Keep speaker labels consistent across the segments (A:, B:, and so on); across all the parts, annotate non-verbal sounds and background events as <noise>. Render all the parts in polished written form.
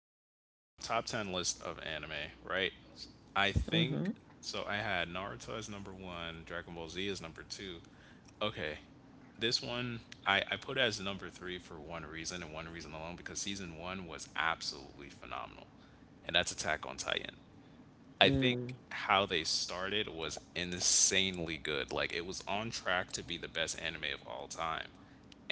A: discussing. Um Top 10 list of anime, right? I
B: Mm-hmm.
A: think so I had Naruto as number 1, Dragon Ball Z as number 2. Okay. This one I put as number 3 for one reason and one reason alone, because season 1 was absolutely phenomenal. And that's Attack on Titan. I think
B: Mm.
A: how they started was insanely good. Like, it was on track to be the best anime of all time.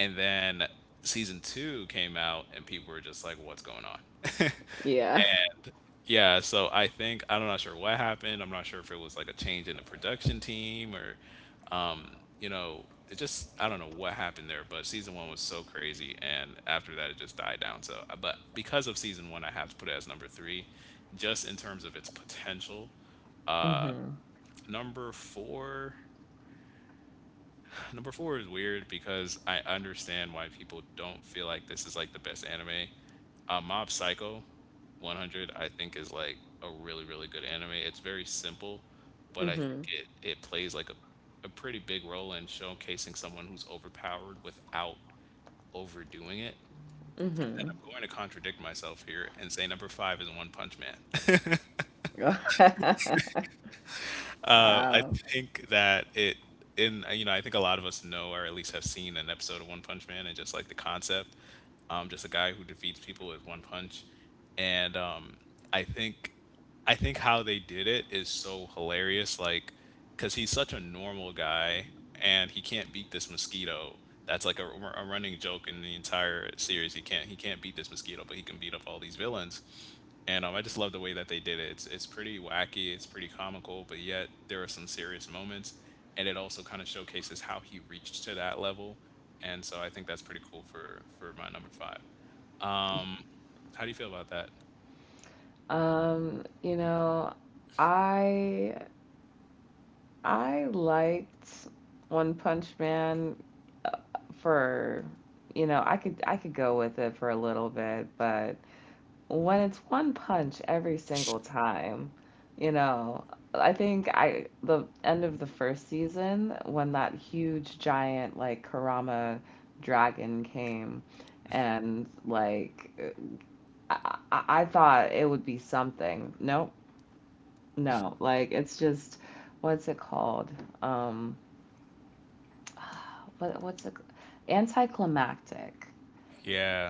A: And then season 2 came out and people were just like, what's going on? <laughs>
B: Yeah.
A: And yeah, so I think I'm not sure what happened. I'm not sure if it was like a change in the production team or um, you know, it just, I don't know what happened there, but season one was so crazy, and after that it just died down. So, but because of season one, I have to put it as number three, just in terms of its potential. Uh,
B: Mm-hmm.
A: Number four. <sighs> number four is weird because I understand why people don't feel like this is like the best anime. Mob Psycho 100, I think, is like a really, really good anime. It's very simple, but I think
B: Mm-hmm.
A: it plays like a pretty big role in showcasing someone who's overpowered without overdoing it. And then
B: Mm-hmm.
A: I'm going to contradict myself here and say number five is One Punch Man.
B: <laughs>
A: I
B: Wow.
A: think that it, in you know, I think a lot of us know, or at least have seen an episode of One Punch Man, and just like the concept, just a guy who defeats people with one punch, and I think, I think how they did it is so hilarious, like, because he's such a normal guy and he can't beat this mosquito. That's like a running joke in the entire series. He can't beat this mosquito, but he can beat up all these villains, and I just love the way that they did it. It's pretty wacky, it's pretty comical, but yet there are some serious moments, and it also kind of showcases how he reached to that level, and so I think that's pretty cool for my number five. Um, how do you feel about that?
B: You know, I I liked One Punch Man for, you know, I could go with it for a little bit, but when it's one punch every single time, you know, I think I the end of the first season when that huge giant like Kurama dragon came and like I thought it would be something. Nope. No. Like it's just what's it called? Um what's it anticlimactic.
A: Yeah,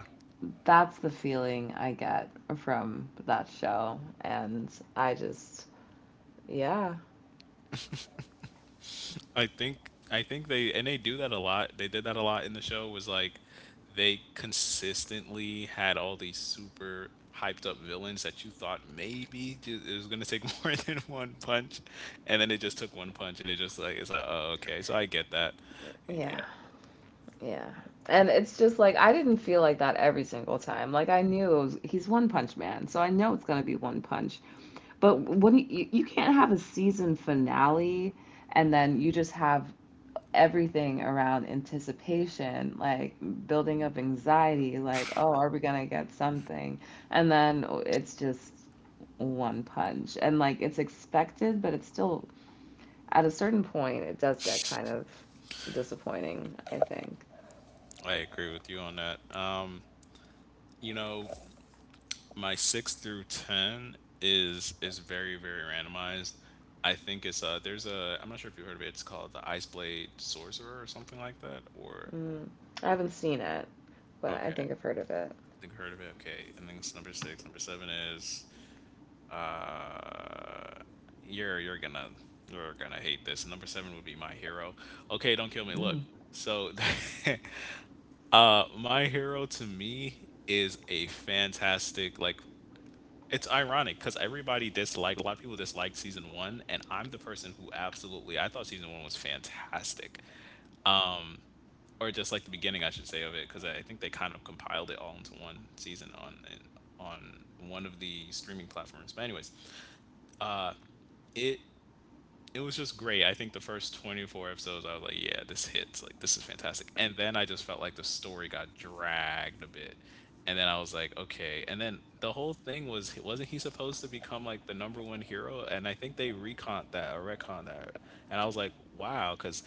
B: That's the feeling I get from that show and I just yeah.
A: I think they, and they do that a lot. They did that a lot in the show. Was like, they consistently had all these super hyped up villains that you thought maybe ju it was gonna take <laughs> more than one punch, and then it just took one punch, and it just like, it's like, oh okay, so I get that. Yeah,
B: Yeah, yeah. And it's just like I didn't feel like that every single time. Like I knew it was, he's One Punch Man, so I know it's gonna be One Punch. But when you can't have a season finale and then you just have everything around anticipation, like building up anxiety, like, oh, are we gonna get something? And then it's just One Punch. And like it's expected, but it's still at a certain point it does get kind of disappointing, I think.
A: I agree with you on that. You know, my six through ten is very, very randomized. I think it's there's a I'm not sure if you heard of it. It's called the Ice Blade Sorcerer or something like that. Or
B: Mm, I haven't seen it, but I
A: okay,
B: think I've heard
A: I
B: of it.
A: think I heard of it. Okay, and then it's number six. Number seven is uh you're you're gonna you're gonna hate this. Number seven would be My Hero. Okay, don't kill me. Look,
B: Mm.
A: so <laughs> My Hero to me is a fantastic, like, it's ironic because a lot of people disliked season one, and I'm the person who absolutely, I thought season one was fantastic. Or just like the beginning, I should say, of it, because I think they kind of compiled it all into one season on one of the streaming platforms. But anyways, it it was just great. I think the first 24 episodes, I was like, yeah, this hits. Like, this is fantastic. And then I just felt like the story got dragged a bit. And then I was like, okay. And then the whole thing was, wasn't he supposed to become like the number one hero? And I think they recont that, or retcon that. And I was like, wow, because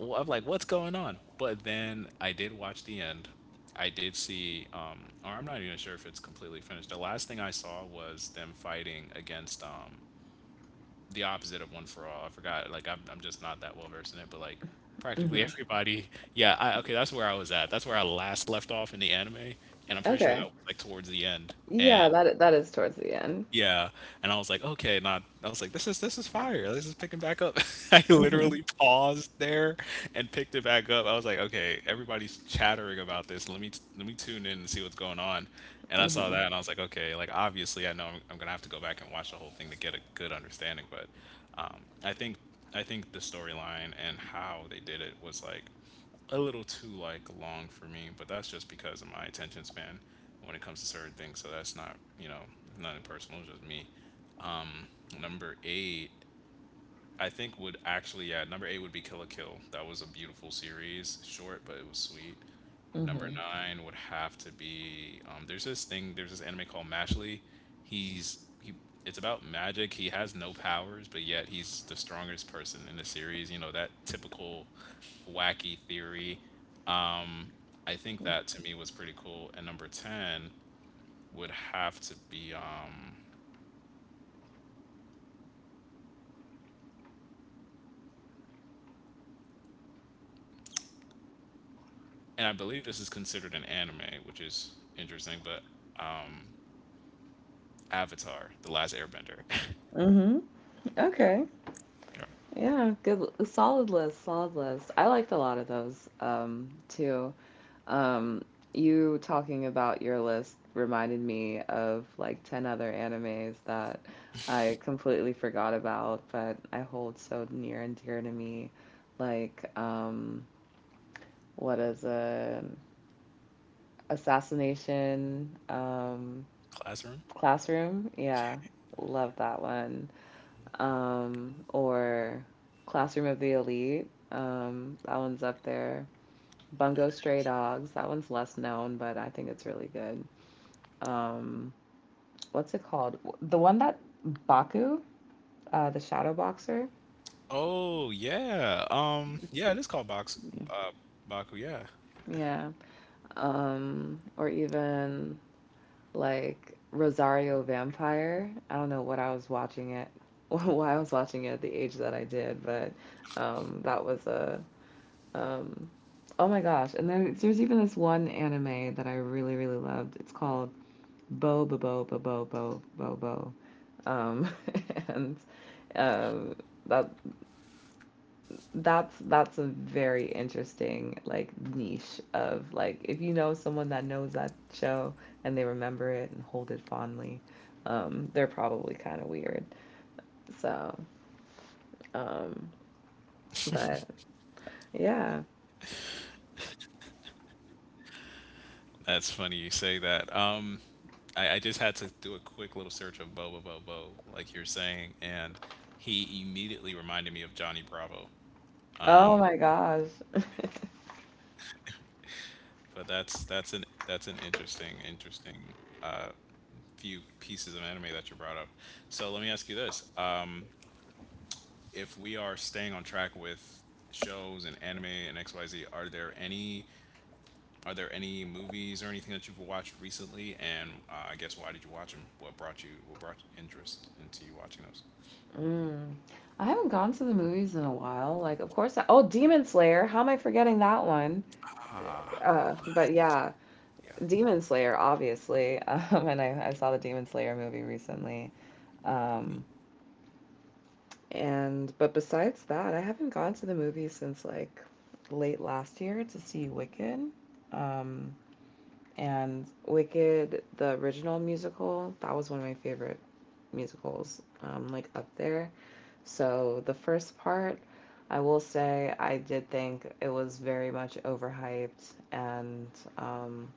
A: I'm like, what's going on? But then I did watch the end. I did see, or I'm not even sure if it's completely finished. The last thing I saw was them fighting against the opposite of One for All. I forgot. Like, I'm just not that well versed in it, but like, practically
B: Hmm.
A: everybody. Yeah. I, okay. That's where I was at. That's where I last left off in the anime, and I'm pretty sure that
B: Okay.
A: was like towards the end. And
B: Yeah, that that is towards the end.
A: yeah, and I was like, "Okay, not." I was like, this is fire. This is picking back up." <laughs> I
B: Hmm.
A: literally paused there and picked it back up. I was like, "Okay, everybody's chattering about this. Let me tune in and see what's going on." And I saw
B: Hmm.
A: that, and I was like, "Okay, like obviously, I know I'm gonna have to go back and watch the whole thing to get a good understanding." But um, I think I think the storyline and how they did it was like a little too like long for me, but that's just because of my attention span when it comes to certain things. So that's not, you know, nothing personal, it's just me. Um, Number eight, I think would actually, yeah, number eight would be Kill a Kill. That was a beautiful series, short but it was sweet.
B: Hmm.
A: Number nine would have to be there's this anime called Mashley. He's he it's about magic. He has no powers, but yet he's the strongest person in the series. You know, that typical wacky theory. Um, I think that to me was pretty cool. And number ten would have to be and I believe this is considered an anime, which is interesting, but um, Avatar: The Last Airbender. <laughs>
B: Hmm.
A: Yeah.
B: Okay.
A: Yeah.
B: Yeah, good solid list, solid list. I liked a lot of those too. Um you talking about your list reminded me of like 10 other animes that I completely forgot about, but I hold so near and dear to me. Like what is an assassination
A: Classroom.
B: classroom? Yeah, love that one. Or Classroom of the Elite. That one's up there. Bungo Stray Dogs. That one's less known, but I think it's really good. Um, what's it called? The one that Baku, the Shadow Boxer.
A: Oh yeah. Yeah, it is called Box.
B: Yeah.
A: Uh, Baku. Yeah.
B: Yeah. Or even like Rosario Vampire. I don't know what I was watching it, <laughs> why I was watching it at the age that I did, but that was a um, oh my gosh! And then there's even this one anime that I really really loved. It's called Bo Bo Bo Bo Bo Bo Bo Bo, um, <laughs> and um, that that's a very interesting like niche of like if you know someone that knows that show and they remember it and hold it fondly, they're probably kind of weird. So, um, but yeah.
A: That's funny you say that. Um, I just had to do a quick little search of Bo Bo Bo, like you're saying, and he immediately reminded me of Johnny Bravo.
B: Oh my gosh. <laughs>
A: But that's an interesting, interesting, uh, few pieces of anime that you brought up. So let me ask you this. Um, if we are staying on track with shows and anime and XYZ, are there any movies or anything that you've watched recently? And I guess, why did you watch them? What brought interest into you watching those?
B: Mm. I haven't gone to the movies in a while. Like, of course, oh, Demon Slayer. How am I forgetting that one?
A: Ah,
B: But yeah,
A: yeah.
B: Demon Slayer, obviously. <laughs> And I saw the Demon Slayer movie recently. Um, And but besides that, I haven't gone to the movies since like late last year to see Wicked. Um, and Wicked, the original musical, that was one of my favorite musicals, like up there. So the first part, I will say, I did think it was very much overhyped, and um,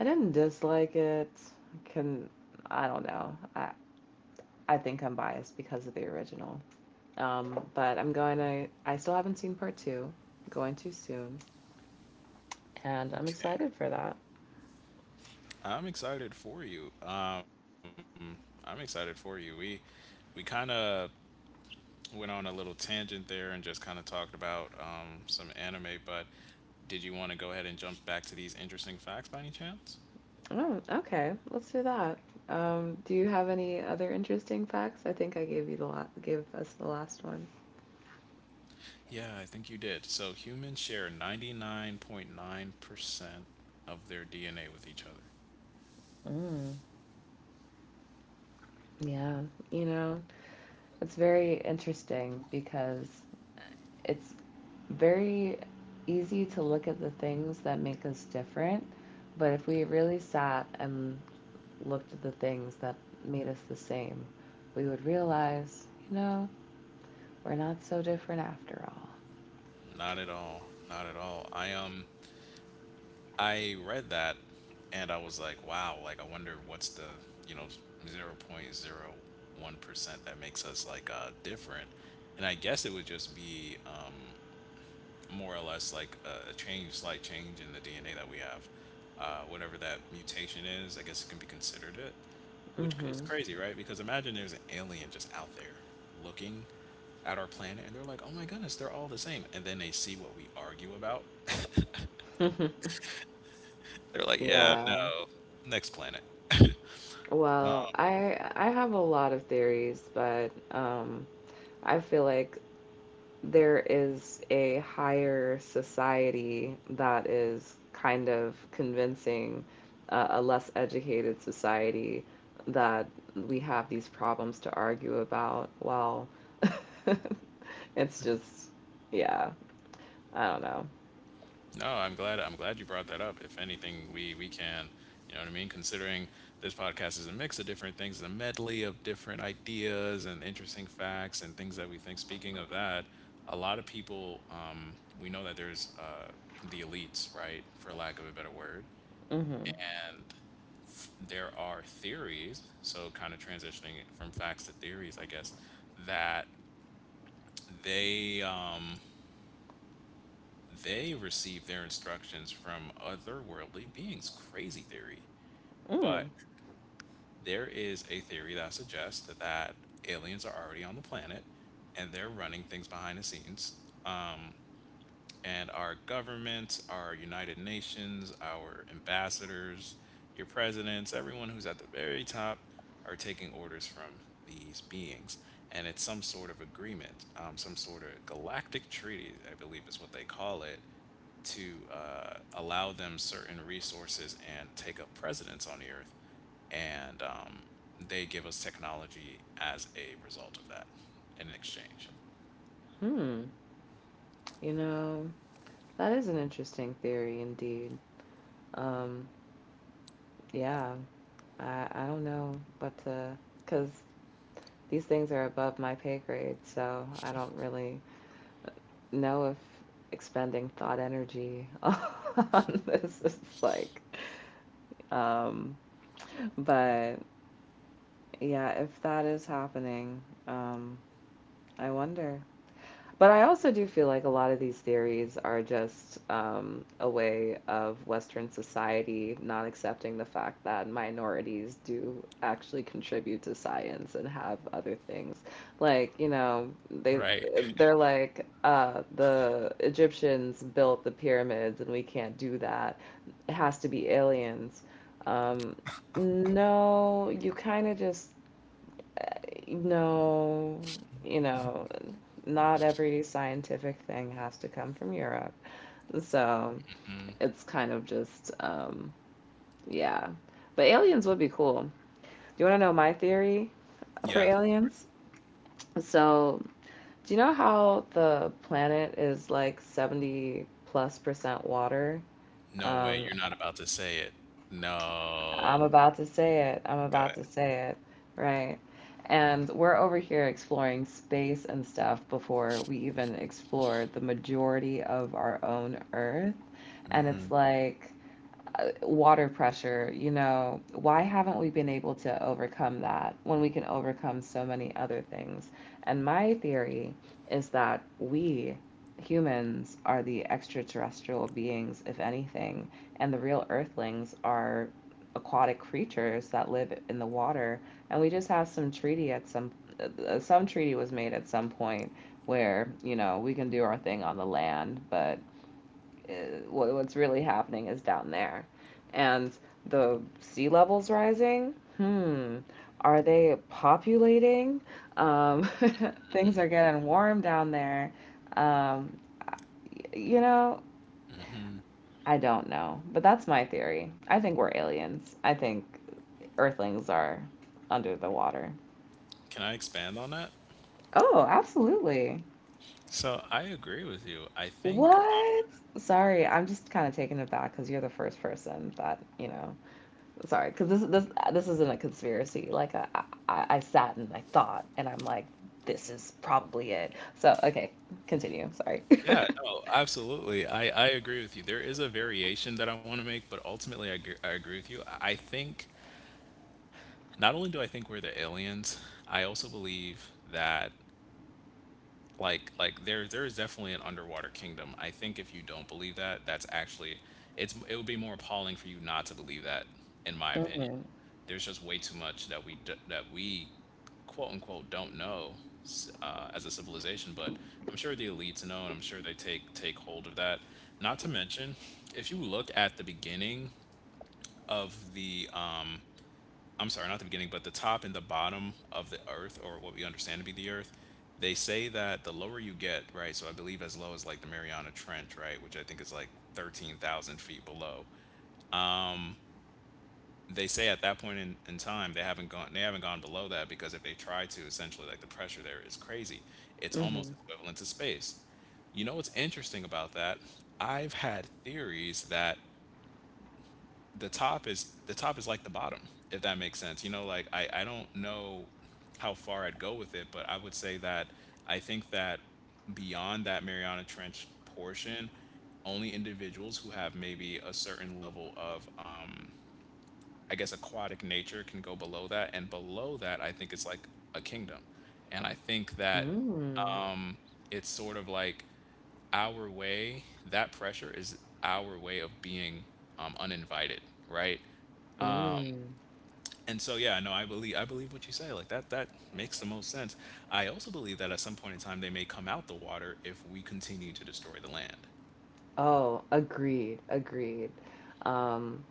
B: I didn't dislike it. Can I don't know. I think I'm biased because of the original, but I'm going to, I still haven't seen part two, going to soon. And I'm
A: Okay.
B: excited for that.
A: I'm excited for you. I'm excited for you. We kind of went on a little tangent there and just kind of talked about some anime, but did you want to go ahead and jump back to these interesting facts by any chance?
B: Oh, okay. Let's do that. Do you have any other interesting facts? I think I gave you the gave us the last one.
A: Yeah, I think you did. So humans share 99.9% of their DNA with each other.
B: Mm, yeah, you know, it's very interesting because it's very easy to look at the things that make us different, but if we really sat and looked at the things that made us the same, we would realize, you know, we're not so different after
A: Not at all. Not at all. I, um, I read that and I was like, wow, like I wonder what's the, you know, 0.01% that makes us like different. And I guess it would just be more or less like a change, slight change in the DNA that we have. Whatever that mutation is, I guess it can be considered it,
B: all.
A: which is crazy, right? Because imagine there's an alien just out there looking at our planet and they're like, oh my goodness, they're all the same. And then they see what we argue about.
B: Hmm.
A: <laughs> They're like,
B: <laughs>
A: yeah,
B: yeah.
A: no, next planet.
B: Well, I have a lot of theories, but I feel like there is a higher society that is kind of convincing a less educated society that we have these problems to argue about. Well, <laughs> it's just, yeah, I don't know.
A: No, I'm glad. I'm glad you brought that up. If anything, we can, you know what I mean. Considering this podcast is a mix of different things, a medley of different ideas and interesting facts and things that we think. Speaking of that, a lot of people, we know that there's the elites, right, for lack of a better word,
B: Mm-hmm.
A: and there are theories. So kind of transitioning from facts to theories, I guess that they. Um, they receive their instructions from otherworldly beings. Crazy theory. But
B: Mm.
A: there is a theory that suggests that aliens are already on the planet and they're running things behind the scenes, and our governments, our United Nations, our ambassadors, your presidents, everyone who's at the very top are taking orders from these beings. And it's some sort of agreement, some sort of galactic treaty, I believe is what they call it, to allow them certain resources and take up presidents on the earth. And they give us technology as a result of that in exchange.
B: Hmm. You know, that is an interesting theory indeed. Um, yeah, I don't know what to, because these things are above my pay grade, so I don't really know if expending thought energy <laughs> on this is like um but yeah if that is happening um I wonder. But I also do feel like a lot of these theories are just a way of Western society not accepting the fact that minorities do actually contribute to science and have other things. Like, you know, they
A: Right.
B: they're like, the Egyptians built the pyramids and we can't do that. It has to be aliens. Um, no, you kind of just no, you know, not every scientific thing has to come from Europe. So it's kind of just, yeah. But aliens would be cool. Do you want to know my theory for
A: Yeah.
B: aliens? So, do you know how the planet is like 70 plus percent water?
A: No way,
B: Um,
A: you're not about to say it.
B: I'm
A: No.
B: about to say it. I'm
A: Go
B: about
A: ahead.
B: to say it. Right. And we're over here exploring space and stuff before we even explore the majority of our own Earth. And it's
A: Mhm.
B: like, water pressure, you know, why haven't we been able to overcome that when we can overcome so many other things? And my theory is that we humans are the extraterrestrial beings, if anything, and the real earthlings are aquatic creatures that live in the water. And we just have some treaty at some treaty was made at some point where, you know, we can do our thing on the land, but uh, what's really happening is down there. And the sea levels rising, hmm, are they populating? Um, <laughs> things are getting warm down there. Um, you know, I don't know, but that's my theory. I think we're aliens. I think Earthlings are under the water.
A: Can I expand on that?
B: Oh, absolutely.
A: So I agree with you. I think,
B: What? Sorry, I'm just kind of taken aback because you're the first person that, you know, sorry, because this isn't a conspiracy. Like I sat and I thought, and I'm like, this is probably it. So okay, continue. Sorry. <laughs>
A: yeah, no, absolutely. I agree with you. There is a variation that I want to make, but ultimately, I agree with you. I think not only do I think we're the aliens, I also believe that like there is definitely an underwater kingdom. I think if you don't believe that, that's actually it would be more appalling for you not to believe that, in my opinion.
B: Mm-hmm.
A: There's just way too much that we quote unquote don't know as a civilization. But I'm sure the elites know, and I'm sure they take hold of that. Not to mention, if you look at the beginning of the I'm sorry, not the beginning, but the top and the bottom of the earth, or what we understand to be the earth, they say that the lower you get, right? So I believe as low as like the Mariana Trench, right? Which I think is like 13,000 feet below. They say at that point in time, they haven't gone below that, because if they try to, essentially, like, the pressure there is crazy. It's
B: Mm-hmm.
A: almost equivalent to space. You know what's interesting about that? I've had theories that the top is like the bottom, if that makes sense. You know, like, I don't know how far I'd go with it, but I would say that I think that beyond that Mariana Trench portion, only individuals who have maybe a certain level of I guess aquatic nature can go below that. And below that, I think it's like a kingdom. And I think that
B: Mm.
A: it's sort of like our way, that pressure is our way of being uninvited, right?
B: Mm.
A: And so yeah, no, I believe, I believe what you say, like that, that makes the most sense. I also believe that at some point in time they may come out the water if we continue to destroy the land.
B: Oh, agreed. Agreed. Um,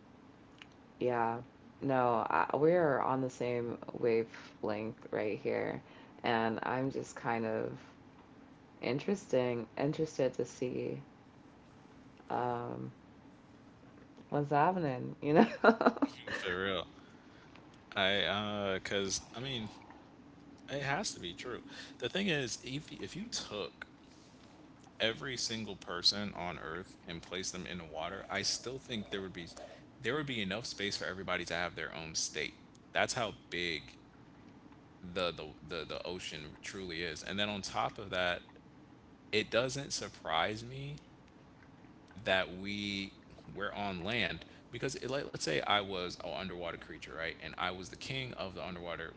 B: yeah. No, we are on the same wavelength right here, and I'm just kind of interesting, interested to see um what's happening, you know?
A: <laughs> For real. I because I mean, it has to be true. The thing is, if you took every single person on earth and placed them in the water, I still think there would be, there would be enough space for everybody to have their own state. That's how big the ocean truly is. And then on top of that, it doesn't surprise me that we're on land, because it, like, let's say I was an underwater creature, right? And I was the king of the underwater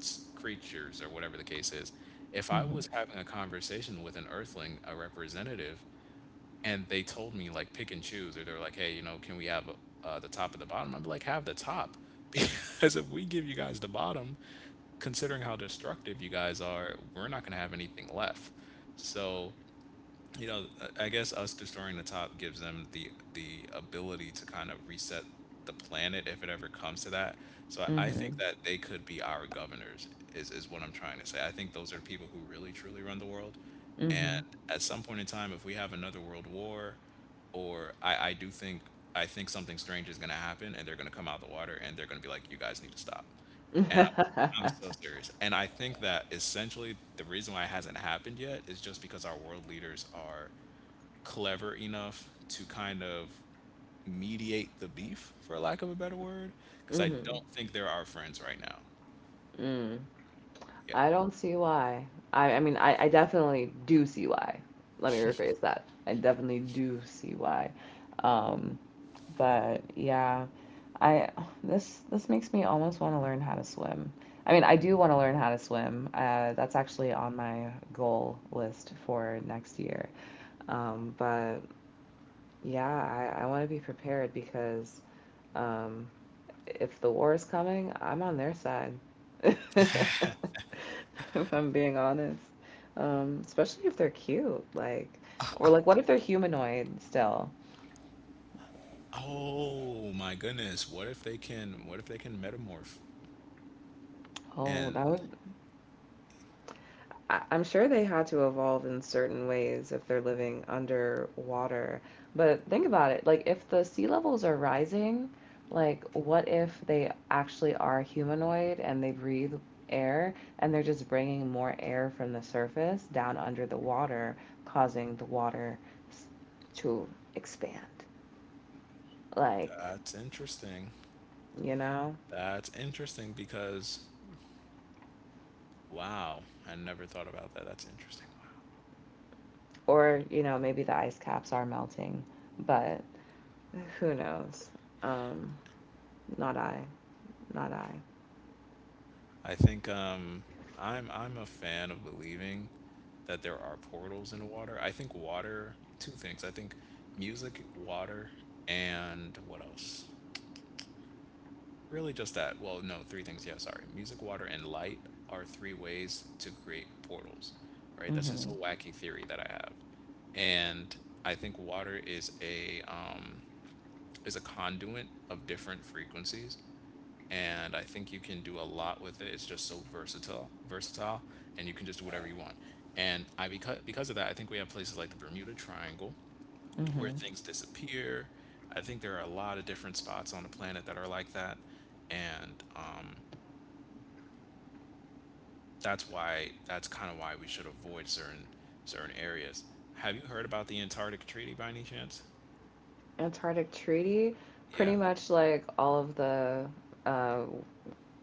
A: creatures or whatever the case is. If I was
B: <laughs> <laughs>
A: having a conversation with an earthling, a representative, and they told me like, pick and choose, or they're like, hey, you know, can we have the top and the bottom? I'm like, have the top, <laughs> because if we give you guys the bottom, considering how destructive you guys are, we're not going to have anything left. So, you know, I guess us destroying the top gives them the ability to kind of reset the planet if it ever comes to that. So I
B: Mm-hmm.
A: think that they could be our governors is what I'm trying to say. I think those are the people who really truly run the world. And at some point in time, if we have another world war, or I do think, I think something strange is gonna happen and they're gonna come out of the water and they're gonna be like, you guys need to stop. And
B: Mm-hmm.
A: I'm
B: <laughs>
A: so serious. And I think that essentially the reason why it hasn't happened yet is just because our world leaders are clever enough to kind of mediate the beef, for lack of a better word, because I
B: Mm-hmm.
A: don't think they're our friends right now.
B: Mm.
A: Yeah.
B: I don't see why. I mean, I definitely do see why. Let me rephrase that. I definitely do see why. Um, but yeah, I this this makes me almost want to learn how to swim. I mean, I do want to learn how to swim. That's actually on my goal list for next year. But yeah, I want to be prepared because um, if the war is coming, I'm on their side. <laughs> If I'm being honest. Especially if they're cute, like, or like, what if they're humanoid still?
A: Oh my goodness. What if they can, what if they can metamorph?
B: Oh,
A: And
B: that would. I am sure they had to evolve in certain ways if they're living underwater. But think about it, like if the sea levels are rising, like what if they actually are humanoid and they breathe air and they're just bringing more air from the surface down under the water, causing the water to expand? Like,
A: that's interesting.
B: you know?
A: That's interesting because, wow, I never thought about that. That's interesting. Wow.
B: Or, you know, maybe the ice caps are melting, but who knows? Um, Not I. Not I.
A: I think I'm a fan of believing that there are portals in water. I think water, two things. I think music, water, and what else? Really, just that. Well, no, three things. Yeah, sorry. Music, water, and light are three ways to create portals, right? That's just
B: Mm-hmm.
A: a wacky theory that I have, and I think water is a conduit of different frequencies, and I think you can do a lot with it. It's just so versatile, versatile, and you can just do whatever you want. And I, because of that, I think we have places like the Bermuda Triangle where
B: Mm-hmm.
A: things disappear. I think there are a lot of different spots on the planet that are like that, and that's why, that's kind of why we should avoid certain, certain areas. Have you heard about the Antarctic Treaty by any chance?
B: Antarctic Treaty,
A: Yeah,
B: pretty much like all of the uh,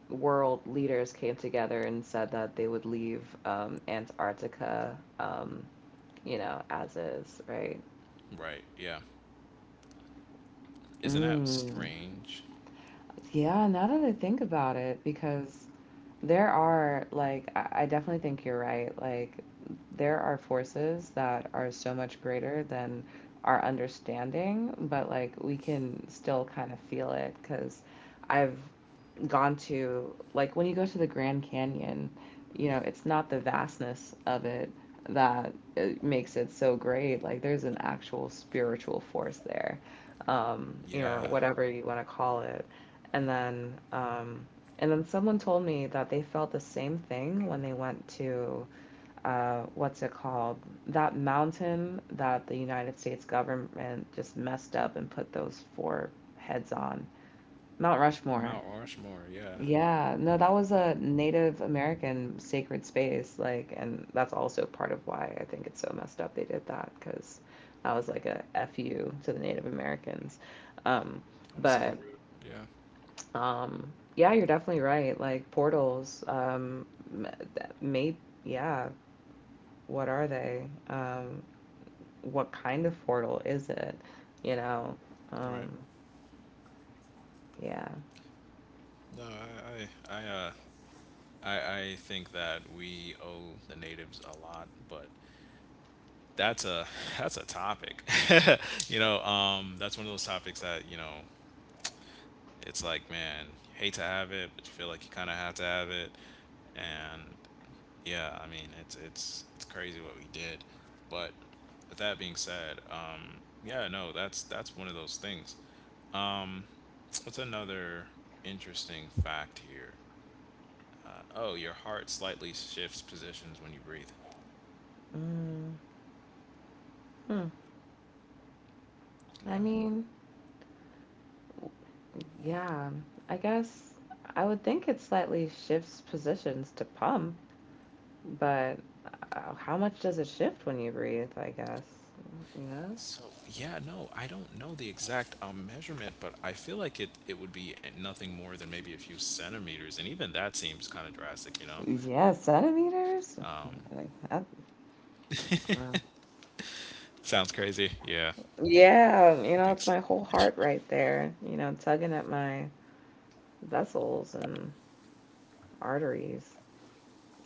B: world leaders came together and said that they would leave Antarctica, you know, as is, right?
A: right. Yeah, isn't that
B: Mm.
A: strange?
B: Yeah, now that I think about it, because there are, like, I definitely think you're right. Like, there are forces that are so much greater than our understanding, but like, we can still kind of feel it because I've gone to, like, when you go to the Grand Canyon, you
A: Yeah,
B: know, it's not the vastness of it that makes it so great. Like, there's an actual spiritual force there you know, or
A: yeah.
B: whatever you want to call it. And then, um, and then someone told me that they felt the same thing when they went to, what's it called? That mountain that the United States government just messed up and put those four heads on. Mount Rushmore.
A: Mount Rushmore. Yeah.
B: Yeah, no, that was a Native American sacred space, like, and that's also part of why I think it's so messed up they did that, because that was like a F you to the Native Americans. Um,
A: Oh, so
B: but
A: rude. Yeah.
B: um, yeah, you're definitely right. Like portals, m- that may, yeah, what are they? What kind of portal is it? You know,
A: Right.
B: um, yeah.
A: No, I think that we owe the natives a lot, but that's a <laughs> that's a topic. <laughs> You know, that's one of those topics that, you know, it's like, man, hate to have it, but you feel like you kind of have to have it. And yeah, I mean, it's it's crazy what we did. But with that being said, yeah, no, that's one of those things. Um, what's another interesting fact here? Oh, your heart slightly shifts positions when you breathe.
B: Mm, hmm. I mean.
A: Yeah.
B: Yeah, I guess I would think it slightly shifts positions to pump, but how much does it shift when you breathe, I guess? You know?
A: So yeah, no, I don't know the exact measurement, but I feel like it would be nothing more than maybe a few centimeters, and even that seems kind of drastic, you
B: Yeah,
A: know?
B: centimeters? Like that, well,
A: Sounds crazy. Yeah,
B: yeah, you
A: I
B: know,
A: think
B: it's my
A: so.
B: whole heart right there, you know, tugging at my vessels and arteries.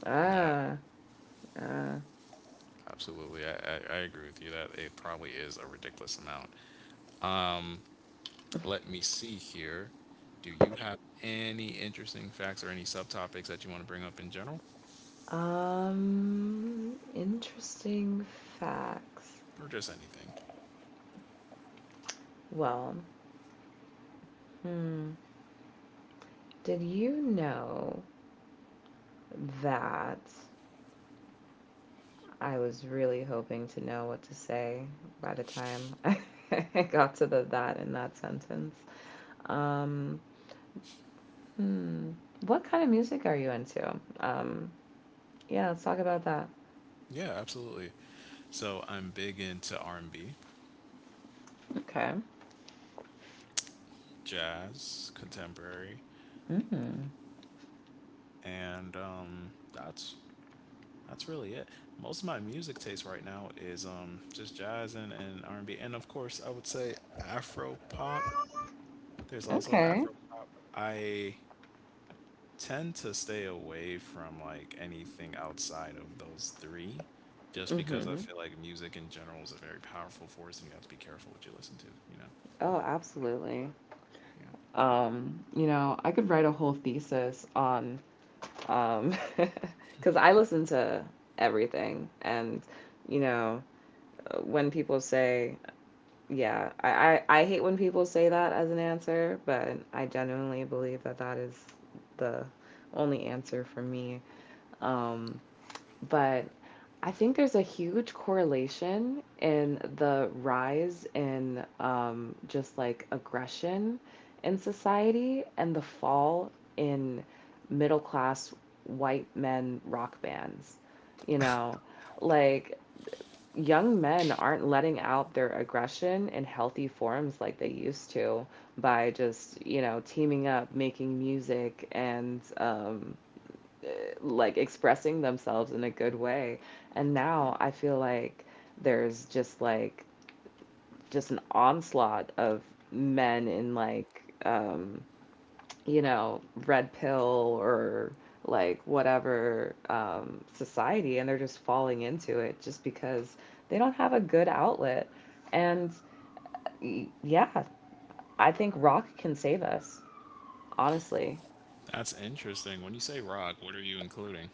B: Ah,
A: No,
B: ah.
A: absolutely. I agree with you that it probably is a ridiculous amount. Let me see here. Do you have any interesting facts or any subtopics that you want to bring up in general,
B: Interesting facts.
A: or just anything?
B: Well, hmm. Did you know that I was really hoping to know what to say by the time I <laughs> got to the that in that sentence? Um, hmm. What kind of music are you into? Um, yeah, let's talk about that.
A: Yeah, absolutely. So I'm big into R&B,
B: Okay.
A: jazz, contemporary,
B: Mm.
A: and that's really it. Most of my music taste right now is just jazz, and R and B, and of course, I would say Afro pop. There's also
B: Okay.
A: Afro pop. I tend to stay away from like anything outside of those three, just because I
B: Mm-hmm.
A: feel like music in general is a very powerful force, and you have to be careful what you listen to. You know,
B: Oh, absolutely.
A: yeah.
B: You know, I could write a whole thesis on Um, <laughs> because I listen to everything, and you know, when people say, yeah, I hate when people say that as an answer, but I genuinely believe that that is the only answer for me. Um, but I think there's a huge correlation in the rise in just like aggression in society and the fall in middle class white men rock bands. You know, like young men aren't letting out their aggression in healthy forms like they used to by just, you know, teaming up, making music, and like expressing themselves in a good way. And now I feel like there's just an onslaught of men in like you know red pill or like whatever society, and they're just falling into it just because they don't have a good outlet. And yeah, I think rock can save us, honestly.
A: That's interesting. When you say rock, what are you including?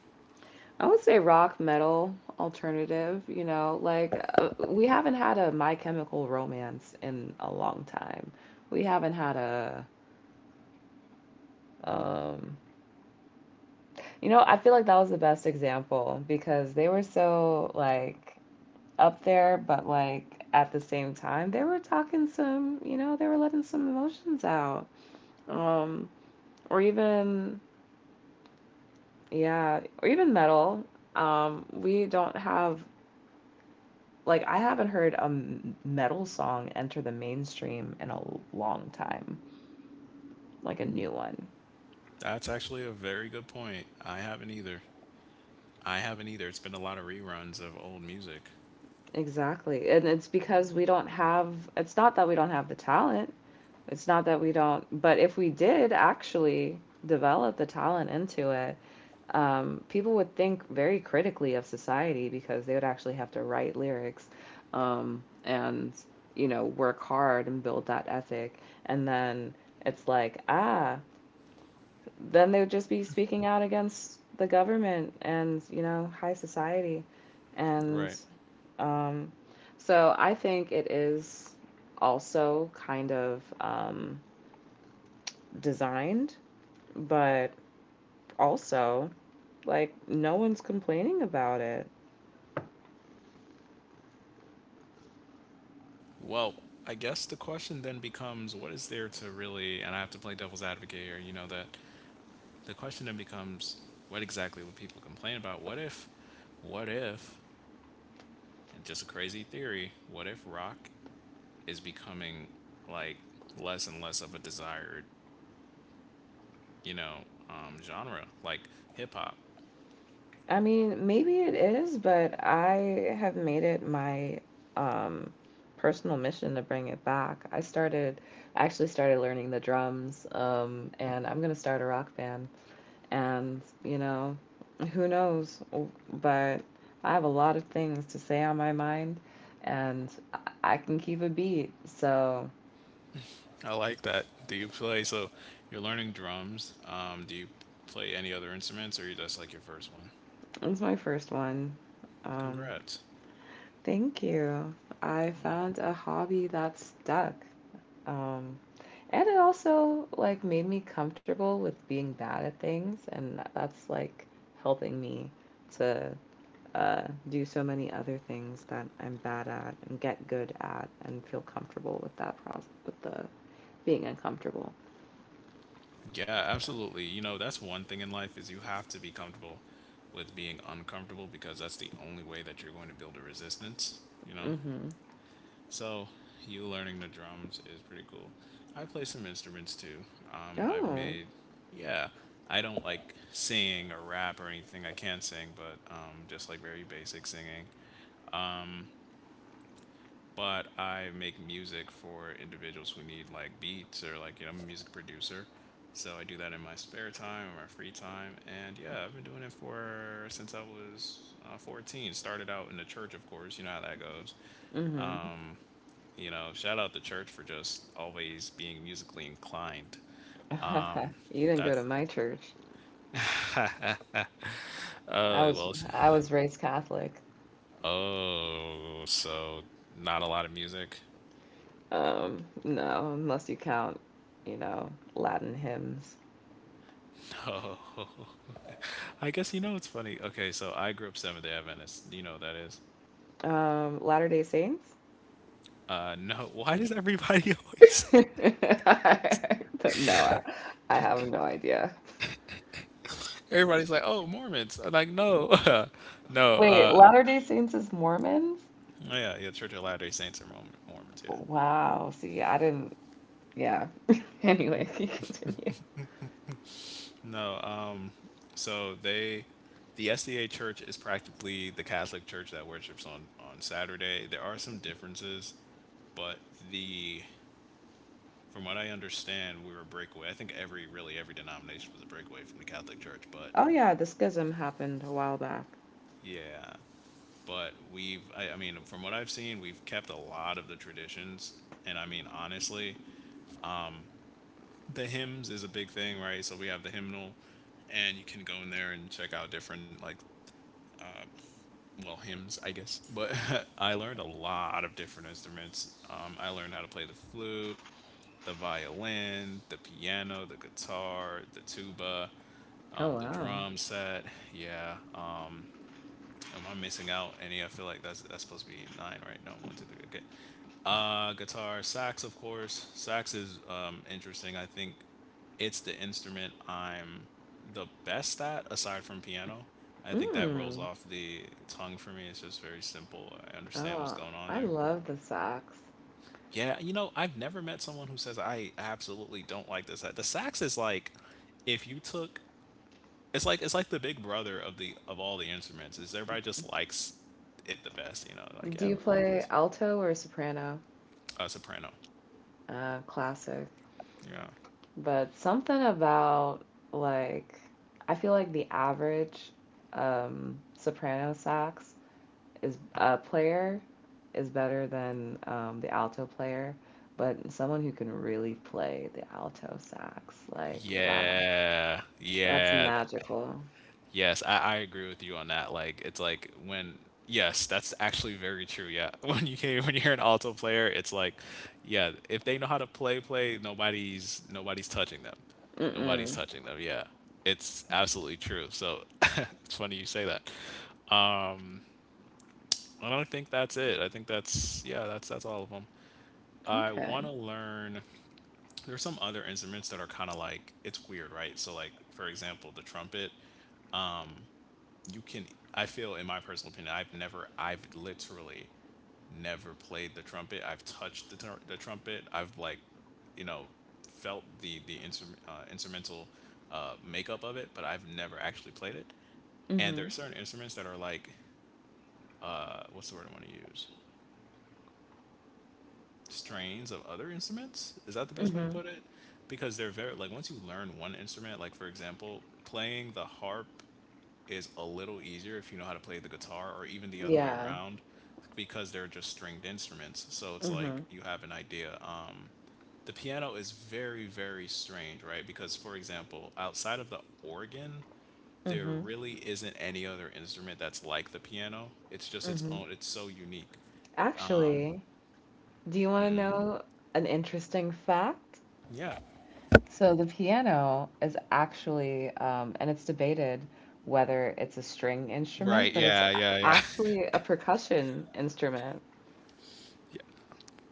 B: I would say rock, metal, alternative, you know, like we haven't had a My Chemical Romance in a long time. We haven't had a um you know, I feel like that was the best example because they were so like up there, but like at the same time they were talking some, you know, they were letting some emotions out. Um or even yeah, or even metal. We don't have like I haven't heard a metal song enter the mainstream in a long time, like a new one.
A: That's actually a very good point. I haven't either. I haven't either. It's been a lot of reruns of old music.
B: Exactly. And it's because we don't have it's not that we don't have the talent. It's not that we don't, but if we did actually develop the talent into it, people would think very critically of society because they would actually have to write lyrics and you know, work hard and build that ethic. And then it's like, ah, then they would just be speaking out against the government and you know high society and
A: Right.
B: um, so I think it is also kind of designed, but also like no one's complaining about it.
A: Well, I guess the question then becomes what is there to really, and I have to play devil's advocate here, you know, that the question then becomes what exactly would people complain about? What if, and just a crazy theory, what if rock is becoming like less and less of a desired, you know, genre, like hip hop?
B: I mean maybe it is, but I have made it my um, personal mission to bring it back. I actually started learning the drums, and I'm going to start a rock band. And, you know, who knows? But I have a lot of things to say on my mind and I- can keep a beat. So
A: I like that. Do you play, so you're learning drums. Do you play any other instruments, or you just like your first one?
B: it's my first one. Um,
A: Congrats.
B: Thank you. I
A: Yeah.
B: found a hobby that stuck. Um, and it also like made me comfortable with being bad at things, and that's like helping me to uh, do so many other things that I'm bad at and get good at and feel comfortable with that process, with the being uncomfortable.
A: Yeah, absolutely. You know, that's one thing in life, is you have to be comfortable with being uncomfortable, because that's the only way that you're going to build a resistance, you know?
B: Mhm.
A: So, you learning the drums is pretty cool. I play some instruments too. I've
B: Oh.
A: made, yeah, I don't like sing or rap or anything. I can sing, but just like very basic singing. But I make music for individuals who need like beats, or like, you know, I'm a music producer. So I do that in my spare time or my free time, and yeah, I've been doing it for since I was 14. Started out in the church, of course. You know how that goes.
B: Mhm.
A: You know, shout out the church for just always being musically inclined.
B: <laughs> You didn't go to
A: That's
B: my church. I
A: oh
B: was
A: well, s-
B: I was raised Catholic.
A: oh so not a lot of music. <laughs>
B: No, unless you count, you know, Latin hymns.
A: Oh, I guess, you know, it's funny. Okay, so I grew up Seventh Day Adventist. You know what that is.
B: Latter-day Saints?
A: No. <laughs> Why does everybody <laughs>
B: <laughs>
A: always?
B: But no, I have no idea.
A: Everybody's like, "Oh, Mormons." I'm like, no, <laughs> no.
B: Wait, Latter-day Saints is Mormons?
A: Oh yeah, yeah. Church of Latter Day Saints are Mormon- Mormons. Yeah.
B: Wow. See, I didn't Yeah. <laughs> Anyway, <laughs> you continue.
A: No. So they, the SDA Church is practically the Catholic Church that worships on Saturday. There are some differences, but the from what I understand, we were a breakaway. I think every really every denomination was a breakaway from the Catholic Church, but
B: Oh yeah, the schism happened a while back.
A: yeah. But we've I mean from what I've seen, we've kept a lot of the traditions. And I mean, honestly, the hymns is a big thing, right? So we have the hymnal, and you can go in there and check out different like, well, hymns, I guess. But <laughs> I learned a lot of different instruments. Um, I learned how to play the flute, the violin, the piano, the guitar, the tuba,
B: Oh
A: the
B: wow.
A: drum set. Yeah. Am I missing out any? I feel like that's supposed to be nine, right? No, one, two, three. Okay. Guitar, sax, of course. Sax is interesting. I think it's the instrument I'm the best at, aside from piano. I think that rolls
B: Mm.
A: off the tongue for me. It's just very simple. I understand what's
B: Oh,
A: going on
B: I
A: there.
B: love the sax.
A: Yeah, you know, I've never met someone who says I absolutely don't like this. The sax is like if you took it's like the big brother of the of all the instruments. Is everybody just likes it the best, you know? Like,
B: Do
A: yeah,
B: you
A: we like
B: play
A: this.
B: alto or soprano?
A: Soprano.
B: Classic.
A: Yeah.
B: But something about like I feel like the average soprano sax is player is better than the alto player, but someone who can really play the alto sax, like wow,
A: Yeah.
B: that's
A: Yeah.
B: magical.
A: Yes, I agree with you on that. Like it's like when yes, that's actually very true. Yeah. <laughs> When you hear an alto player, it's like, yeah, if they know how to play, nobody's touching them. Nobody's
B: Mm-mm.
A: touching them. Yeah. It's absolutely true. So <laughs> it's funny you say that. I don't think that's it. I think that's yeah, that's all of them. I
B: Okay.
A: want to learn. There's some other instruments that are kind of like it's weird, right? So like for example, the trumpet. You can I feel in my personal opinion, I've literally never played the trumpet. I've touched the trumpet. I've like you know felt the instrument instrumental makeup of it, but I've never actually played it. And
B: Mm-hmm.
A: there are certain instruments that are like what's the word I want to use? Strains of other instruments. Is that the best way to
B: Mm-hmm.
A: put it? Because they're very like once you learn one instrument, like for example, playing the harp is a little easier if you know how to play the guitar or even the other way
B: Yeah.
A: around because they're just stringed instruments. So it's
B: Mm-hmm.
A: like you have an idea. The piano is very very strange, right? Because for example, outside of the organ, there
B: Mm-hmm.
A: really isn't any other instrument that's like the piano. It's just its
B: Mm-hmm.
A: own. It's so unique.
B: Actually, do you want to know an interesting fact?
A: Yeah.
B: So the piano is actually, and it's debated whether it's a string
A: Right.
B: instrument, but it's
A: Yeah.
B: a-
A: Yeah. Yeah.
B: actually a percussion instrument.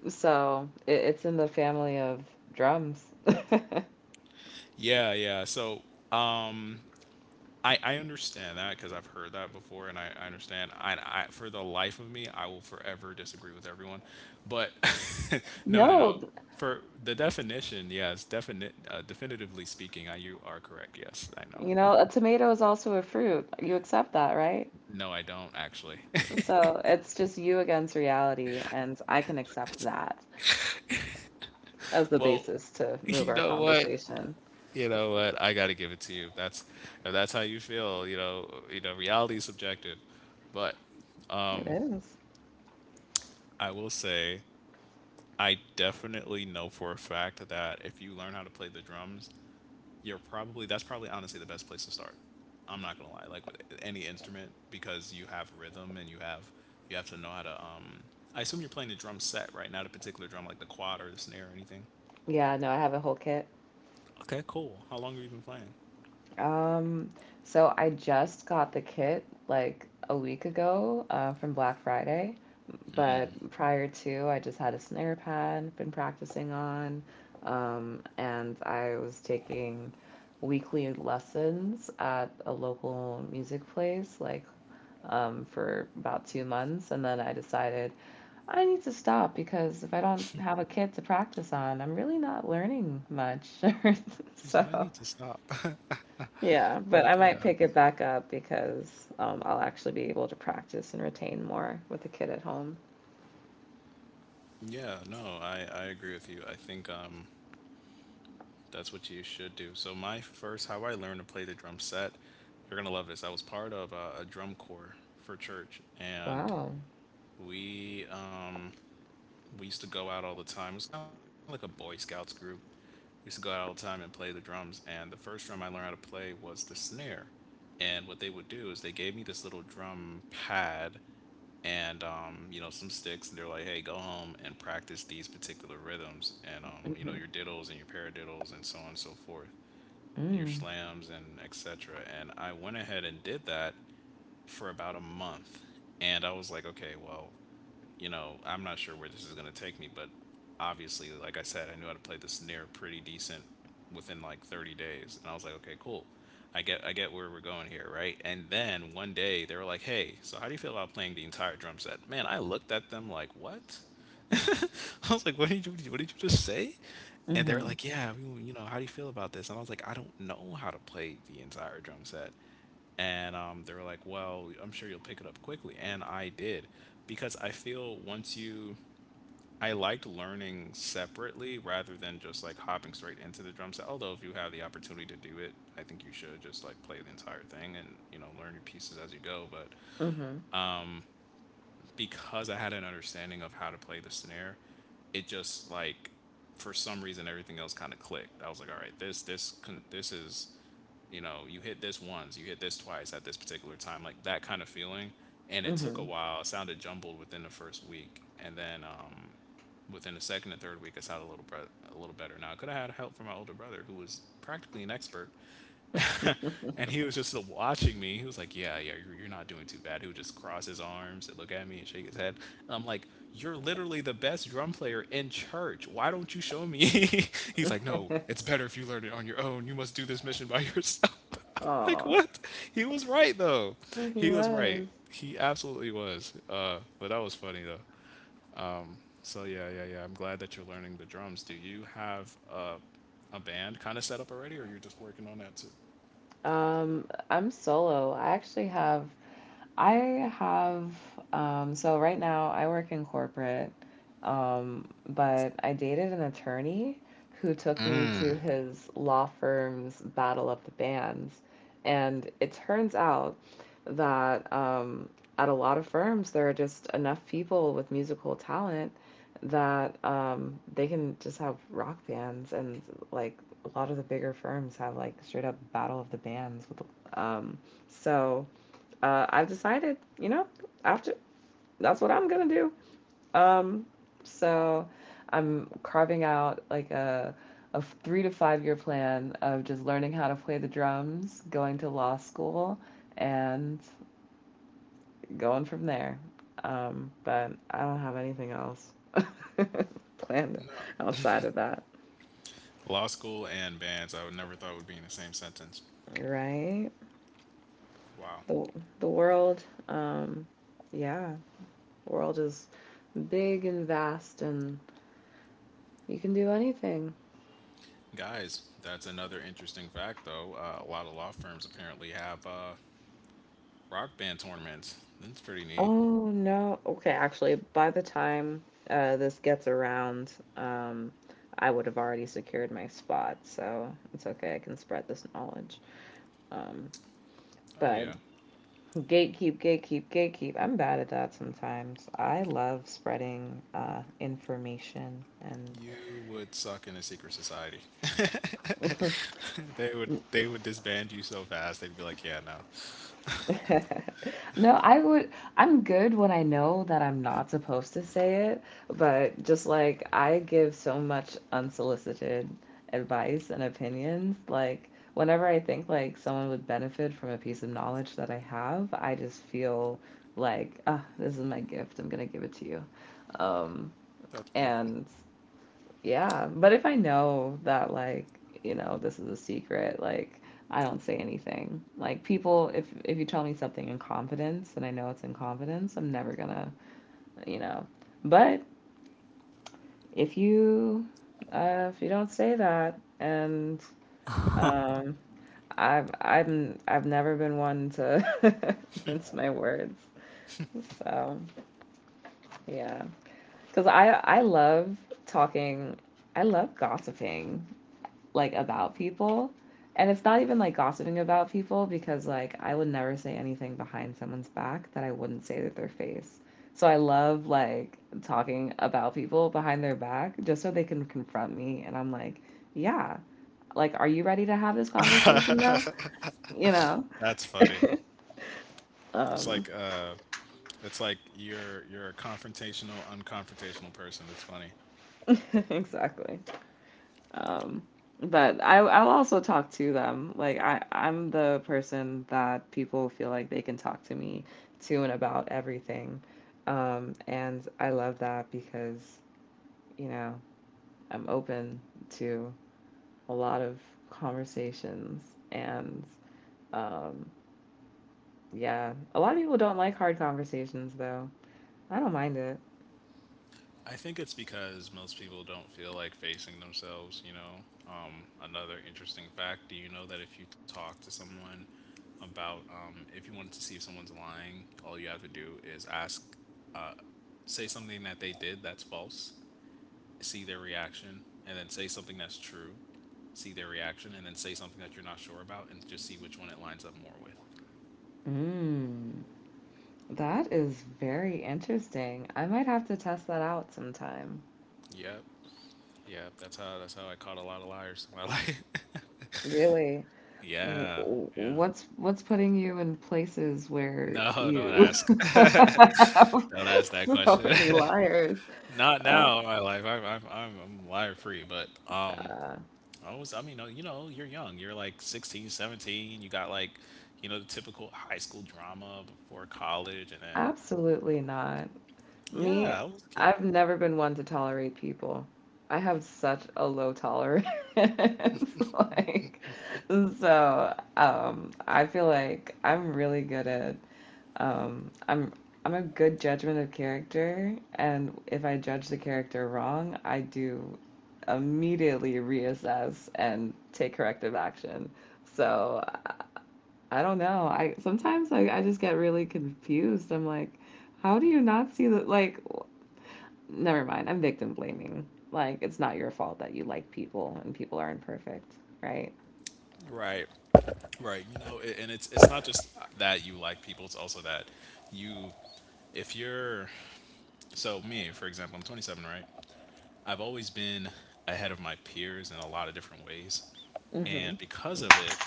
B: So it's in the family of drums. <laughs>
A: Yeah, yeah. So, um, I understand that because I've heard that before, and I understand. I for the life of me, I will forever disagree with everyone. But <laughs> no, no, no.
B: No,
A: For the definition, yes, definitively speaking, I, you are correct. Yes, I know.
B: you know, a tomato is also a fruit. You accept that, right?
A: No, I don't actually.
B: So it's just you against reality, and I can accept that as
A: <laughs>
B: the
A: Well,
B: basis to move
A: you
B: our
A: know what?
B: conversation.
A: You know what? I gotta give it to you. If that's how you feel, you know, reality is subjective, but
B: It is.
A: I will say I definitely know for a fact that if you learn how to play the drums, you're probably that's probably honestly the best place to start. I'm not gonna lie, like with any instrument, because you have rhythm and you have to know how to. I assume you're playing a drum set right now, a particular drum like the quad or the snare or anything.
B: Yeah, no, I have a whole kit.
A: Okay, cool. How long have you been playing?
B: Um, so I just got the kit like a week ago from Black Friday, but prior to, I just had a snare pad, been practicing on, and I was taking weekly lessons at a local music place, like for about 2 months. And then I decided I need to stop because if I don't have a kit to practice on, I'm really not learning much. <laughs>
A: She said, I
B: So,
A: need to stop.
B: yeah,
A: <laughs>
B: but I
A: Like,
B: might
A: yeah.
B: pick it back up because I'll actually be able to practice and retain more with the kid at home.
A: Yeah, no, I agree with you. I think that's what you should do. So my first, how I learned to play the drum set, you're gonna love this. I was part of a drum corps for church, and
B: Wow.
A: we um, we used to go out all the time. It was kind of like a Boy Scouts group. We used to go out all the time and play the drums. And the first drum I learned how to play was the snare. And what they would do is they gave me this little drum pad and you know some sticks, and they're like, "Hey, go home and practice these particular rhythms, and you know
B: Mm-hmm.
A: your diddles and your paradiddles and so on and so forth." And your
B: Mm.
A: slams and etc. And I went ahead and did that for about a month. And I was like, okay, well, you know, I'm not sure where this is going to take me, but obviously, like I said, I knew how to play the snare pretty decent within like 30 days. And I was like, okay, cool. I get where we're going here, right? And then one day they were like, "Hey, so how do you feel about playing the entire drum set?" Man, I looked at them like, "What?" <laughs> I was like, what did you just say? And they were
B: Mm-hmm.
A: like, yeah, we, you know, how do you feel about this? And I was like, I don't know how to play the entire drum set. And they were like, well, I'm sure you'll pick it up quickly. And I did because I feel once you, I liked learning separately rather than just like hopping straight into the drum set. Although if you have the opportunity to do it, I think you should just like play the entire thing and, you know, learn your pieces as you go. But
B: Mm-hmm.
A: because I had an understanding of how to play the snare, it just like for some reason everything else kind of clicked. I was like, all right, this is you know you hit this once, you hit this twice at this particular time, like that kind of feeling. And it took a while. It sounded jumbled within the first week, and then within the second and third week, it sounded a little better. Now I could have had help from my older brother, who was practically an expert, <laughs> and he was just watching me. He was like, "Yeah, yeah, you're not doing too bad." He would just cross his arms and look at me and shake his head. And I'm like, "You're literally the best drum player in church. Why don't you show me?" <laughs> He's like, "No,
B: Mm-hmm.
A: it's better if you learn it on your own. You must do this mission by yourself." <laughs>
B: <laughs>
A: I'm like,
B: Aw,
A: what? He was right though.
B: he
A: He was right.
B: was.
A: He absolutely was. But that was funny though. So yeah, yeah, yeah. I'm glad that you're learning the drums. Do you have a band kind of set up already, or you're just working on that too?
B: Um, I'm solo. I actually have I have, so right now I work in corporate, but I dated an attorney who took me to
A: Mm.
B: his law firm's Battle of the Bands. And it turns out that at a lot of firms, there are just enough people with musical talent that they can just have rock bands. And like a lot of the bigger firms have like straight up Battle of the Bands with, um, so I've decided, you know, after that's what I'm gonna do. Um, so I'm carving out like a 3 to 5 year plan of just learning how to play the drums, going to law school, and going from there. But I don't have anything else <laughs> planned
A: No.
B: outside of that,
A: Law school and bands, I would never thought would be in the same sentence.
B: right?
A: Wow.
B: The the world, yeah, the world is big and vast, and you can do anything.
A: Guys, that's another interesting fact, though. A lot of law firms apparently have rock band tournaments. That's pretty neat.
B: Oh no. Okay, actually, by the time this gets around, um, I would have already secured my spot, so it's okay. I can spread this knowledge. Um,
A: Oh,
B: but
A: yeah.
B: gatekeep, gatekeep, gatekeep. I'm bad at that sometimes. I love spreading information and
A: You would suck in a secret society.
B: <laughs>
A: <laughs> They would disband you so fast. They'd be like, "Yeah, no."
B: <laughs> No, I would. I'm good when I know that I'm not supposed to say it, but just like I give so much unsolicited advice and opinions, like whenever I think like someone would benefit from a piece of knowledge that I have, I just feel like, ah, this is my gift. I'm gonna give it to you. Um,
A: That's beautiful.
B: and yeah, but if I know that, like, you know, this is a secret, like, I don't say anything. Like, people, if you tell me something in confidence and I know it's in confidence, I'm never gonna, you know. But if you if you don't say that, and um, I've I have I've never been one to <laughs> mince my words. So yeah, because I love talking. I love gossiping. Like about people. And it's not even like gossiping about people because like I would never say anything behind someone's back that I wouldn't say to their face. So I love like talking about people behind their back just so they can confront me, and I'm like, "Yeah, like are you ready to have this conversation though?"
A: <laughs>
B: You know.
A: That's funny.
B: <laughs>
A: It's
B: um
A: like uh, it's like you're a confrontational, unconfrontational person. It's funny.
B: <laughs> exactly. Um, but I'll also talk to them. Like I'm the person that people feel like they can talk to me to and about everything. And I love that because, you know, I'm open to a lot of conversations and um yeah, a lot of people don't like hard conversations though. I don't mind it.
A: I think it's because most people don't feel like facing themselves, you know. Another interesting fact, do you know that if you talk to someone about, if you wanted to see if someone's lying, all you have to do is ask, say something that they did that's false, see their reaction, and then say something that's true, see their reaction, and then say something that you're not sure about, and just see which one it lines up more with.
B: Mm, that is very interesting. I might have to test that out sometime.
A: Yep, yep. That's how I caught a lot of liars in my life.
B: Really?
A: <laughs> Yeah, yeah.
B: What's putting you in places where
A: No, don't
B: you
A: ask.
B: <laughs>
A: <laughs> Don't
B: have
A: ask that
B: so
A: question.
B: many liars?
A: <laughs> Not
B: Uh,
A: now in my life. I'm liar free, but um
B: uh,
A: I was I mean, you know, you're young. You're like 16, 17. You got like, you know, the typical high school drama before college and then
B: Absolutely not. Me,
A: yeah, I was a kid.
B: I've never been one to tolerate people. I have such a low tolerance. <laughs> Like, so I feel like I'm really good at Um, I'm I'm a good judgment of character, and if I judge the character wrong, I do immediately reassess and take corrective action. So I don't know. I sometimes I just get really confused. I'm like, how do you not see the like? Never mind. I'm victim blaming. Like it's not your fault that you like people and people are not perfect, right?
A: Right. Right. You know, and it's not just that you like people, it's also that you if you're so me, for example, I'm 27, right? I've always been ahead of my peers in a lot of different ways.
B: Mm-hmm.
A: And because of it,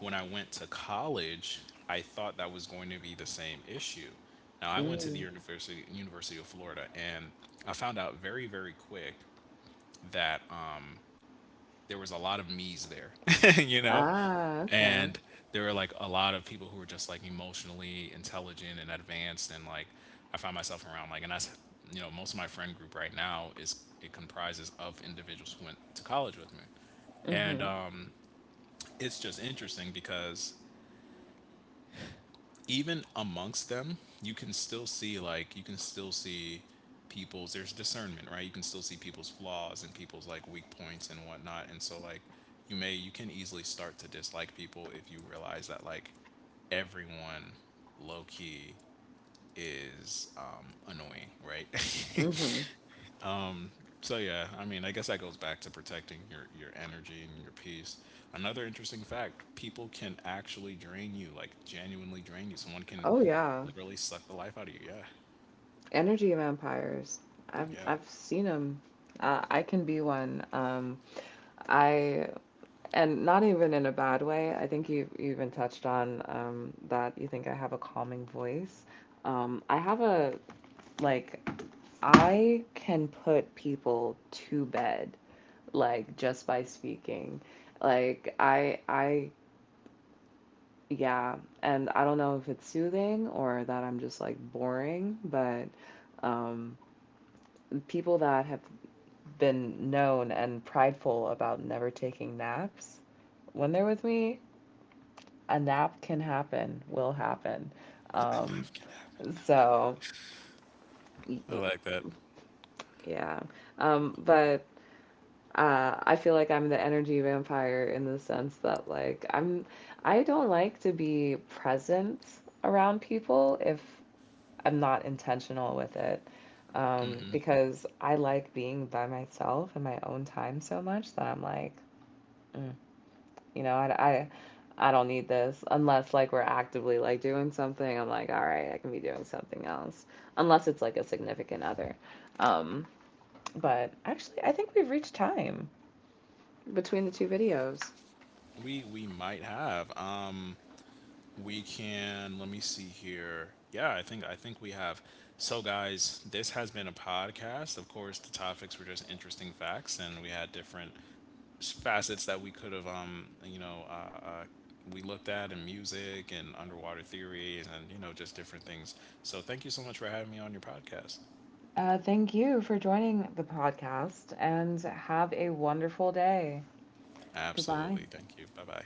A: when I went to college, I thought that was going to be the same issue. Now, I went to the
B: Mm.
A: University of Florida, and I found out very, very quick that there was a lot of me's there, <laughs> you know,
B: Ah, okay.
A: and there were like a lot of people who were just like emotionally intelligent and advanced, and like I found myself around like, and that's you know, most of my friend group right now is it comprises of individuals who went to college with me, and
B: Mm-hmm.
A: it's just interesting because even amongst them, you can still see like you can still see people's there's discernment, right? You can still see people's flaws and people's like weak points and whatnot. And so like you can easily start to dislike people if you realize that like everyone low key is annoying, right? <laughs>
B: Mm-hmm.
A: So yeah, I mean, I guess that goes back to protecting your energy and your peace. Another interesting fact: people can actually drain you, like genuinely drain you. Someone can
B: Oh, yeah.
A: literally suck the life out of you. Yeah,
B: Energy vampires. I've
A: yeah.
B: I've seen them. I can be one. I and not even in a bad way. I think you even touched on that. You think I have a calming voice. I have a like I can put people to bed like just by speaking. Like I yeah, and I don't know if it's soothing or that I'm just like boring, but um, people that have been known and prideful about never taking naps. When they're with me, a nap can happen, will happen. Um, so,
A: I like that.
B: yeah. But I feel like I'm the energy vampire in the sense that, like, I'm I don't like to be present around people if I'm not intentional with it. Because I like being by myself in my own time so much that I'm like, mm, you know, I don't need this unless like we're actively like doing something. I'm like, all right, I can be doing something else unless it's like a significant other. Um, but actually, I think we've reached time between the two videos.
A: We might have. We can. Let me see here. Yeah, I think we have. So guys, this has been a podcast. Of course, the topics were just interesting facts, and we had different facets that we could have you know we looked at in music and underwater theory and you know just different things, so thank you so much for having me on your podcast.
B: Thank you for joining the podcast and have a wonderful day. Goodbye.
A: Absolutely, thank you. Bye bye.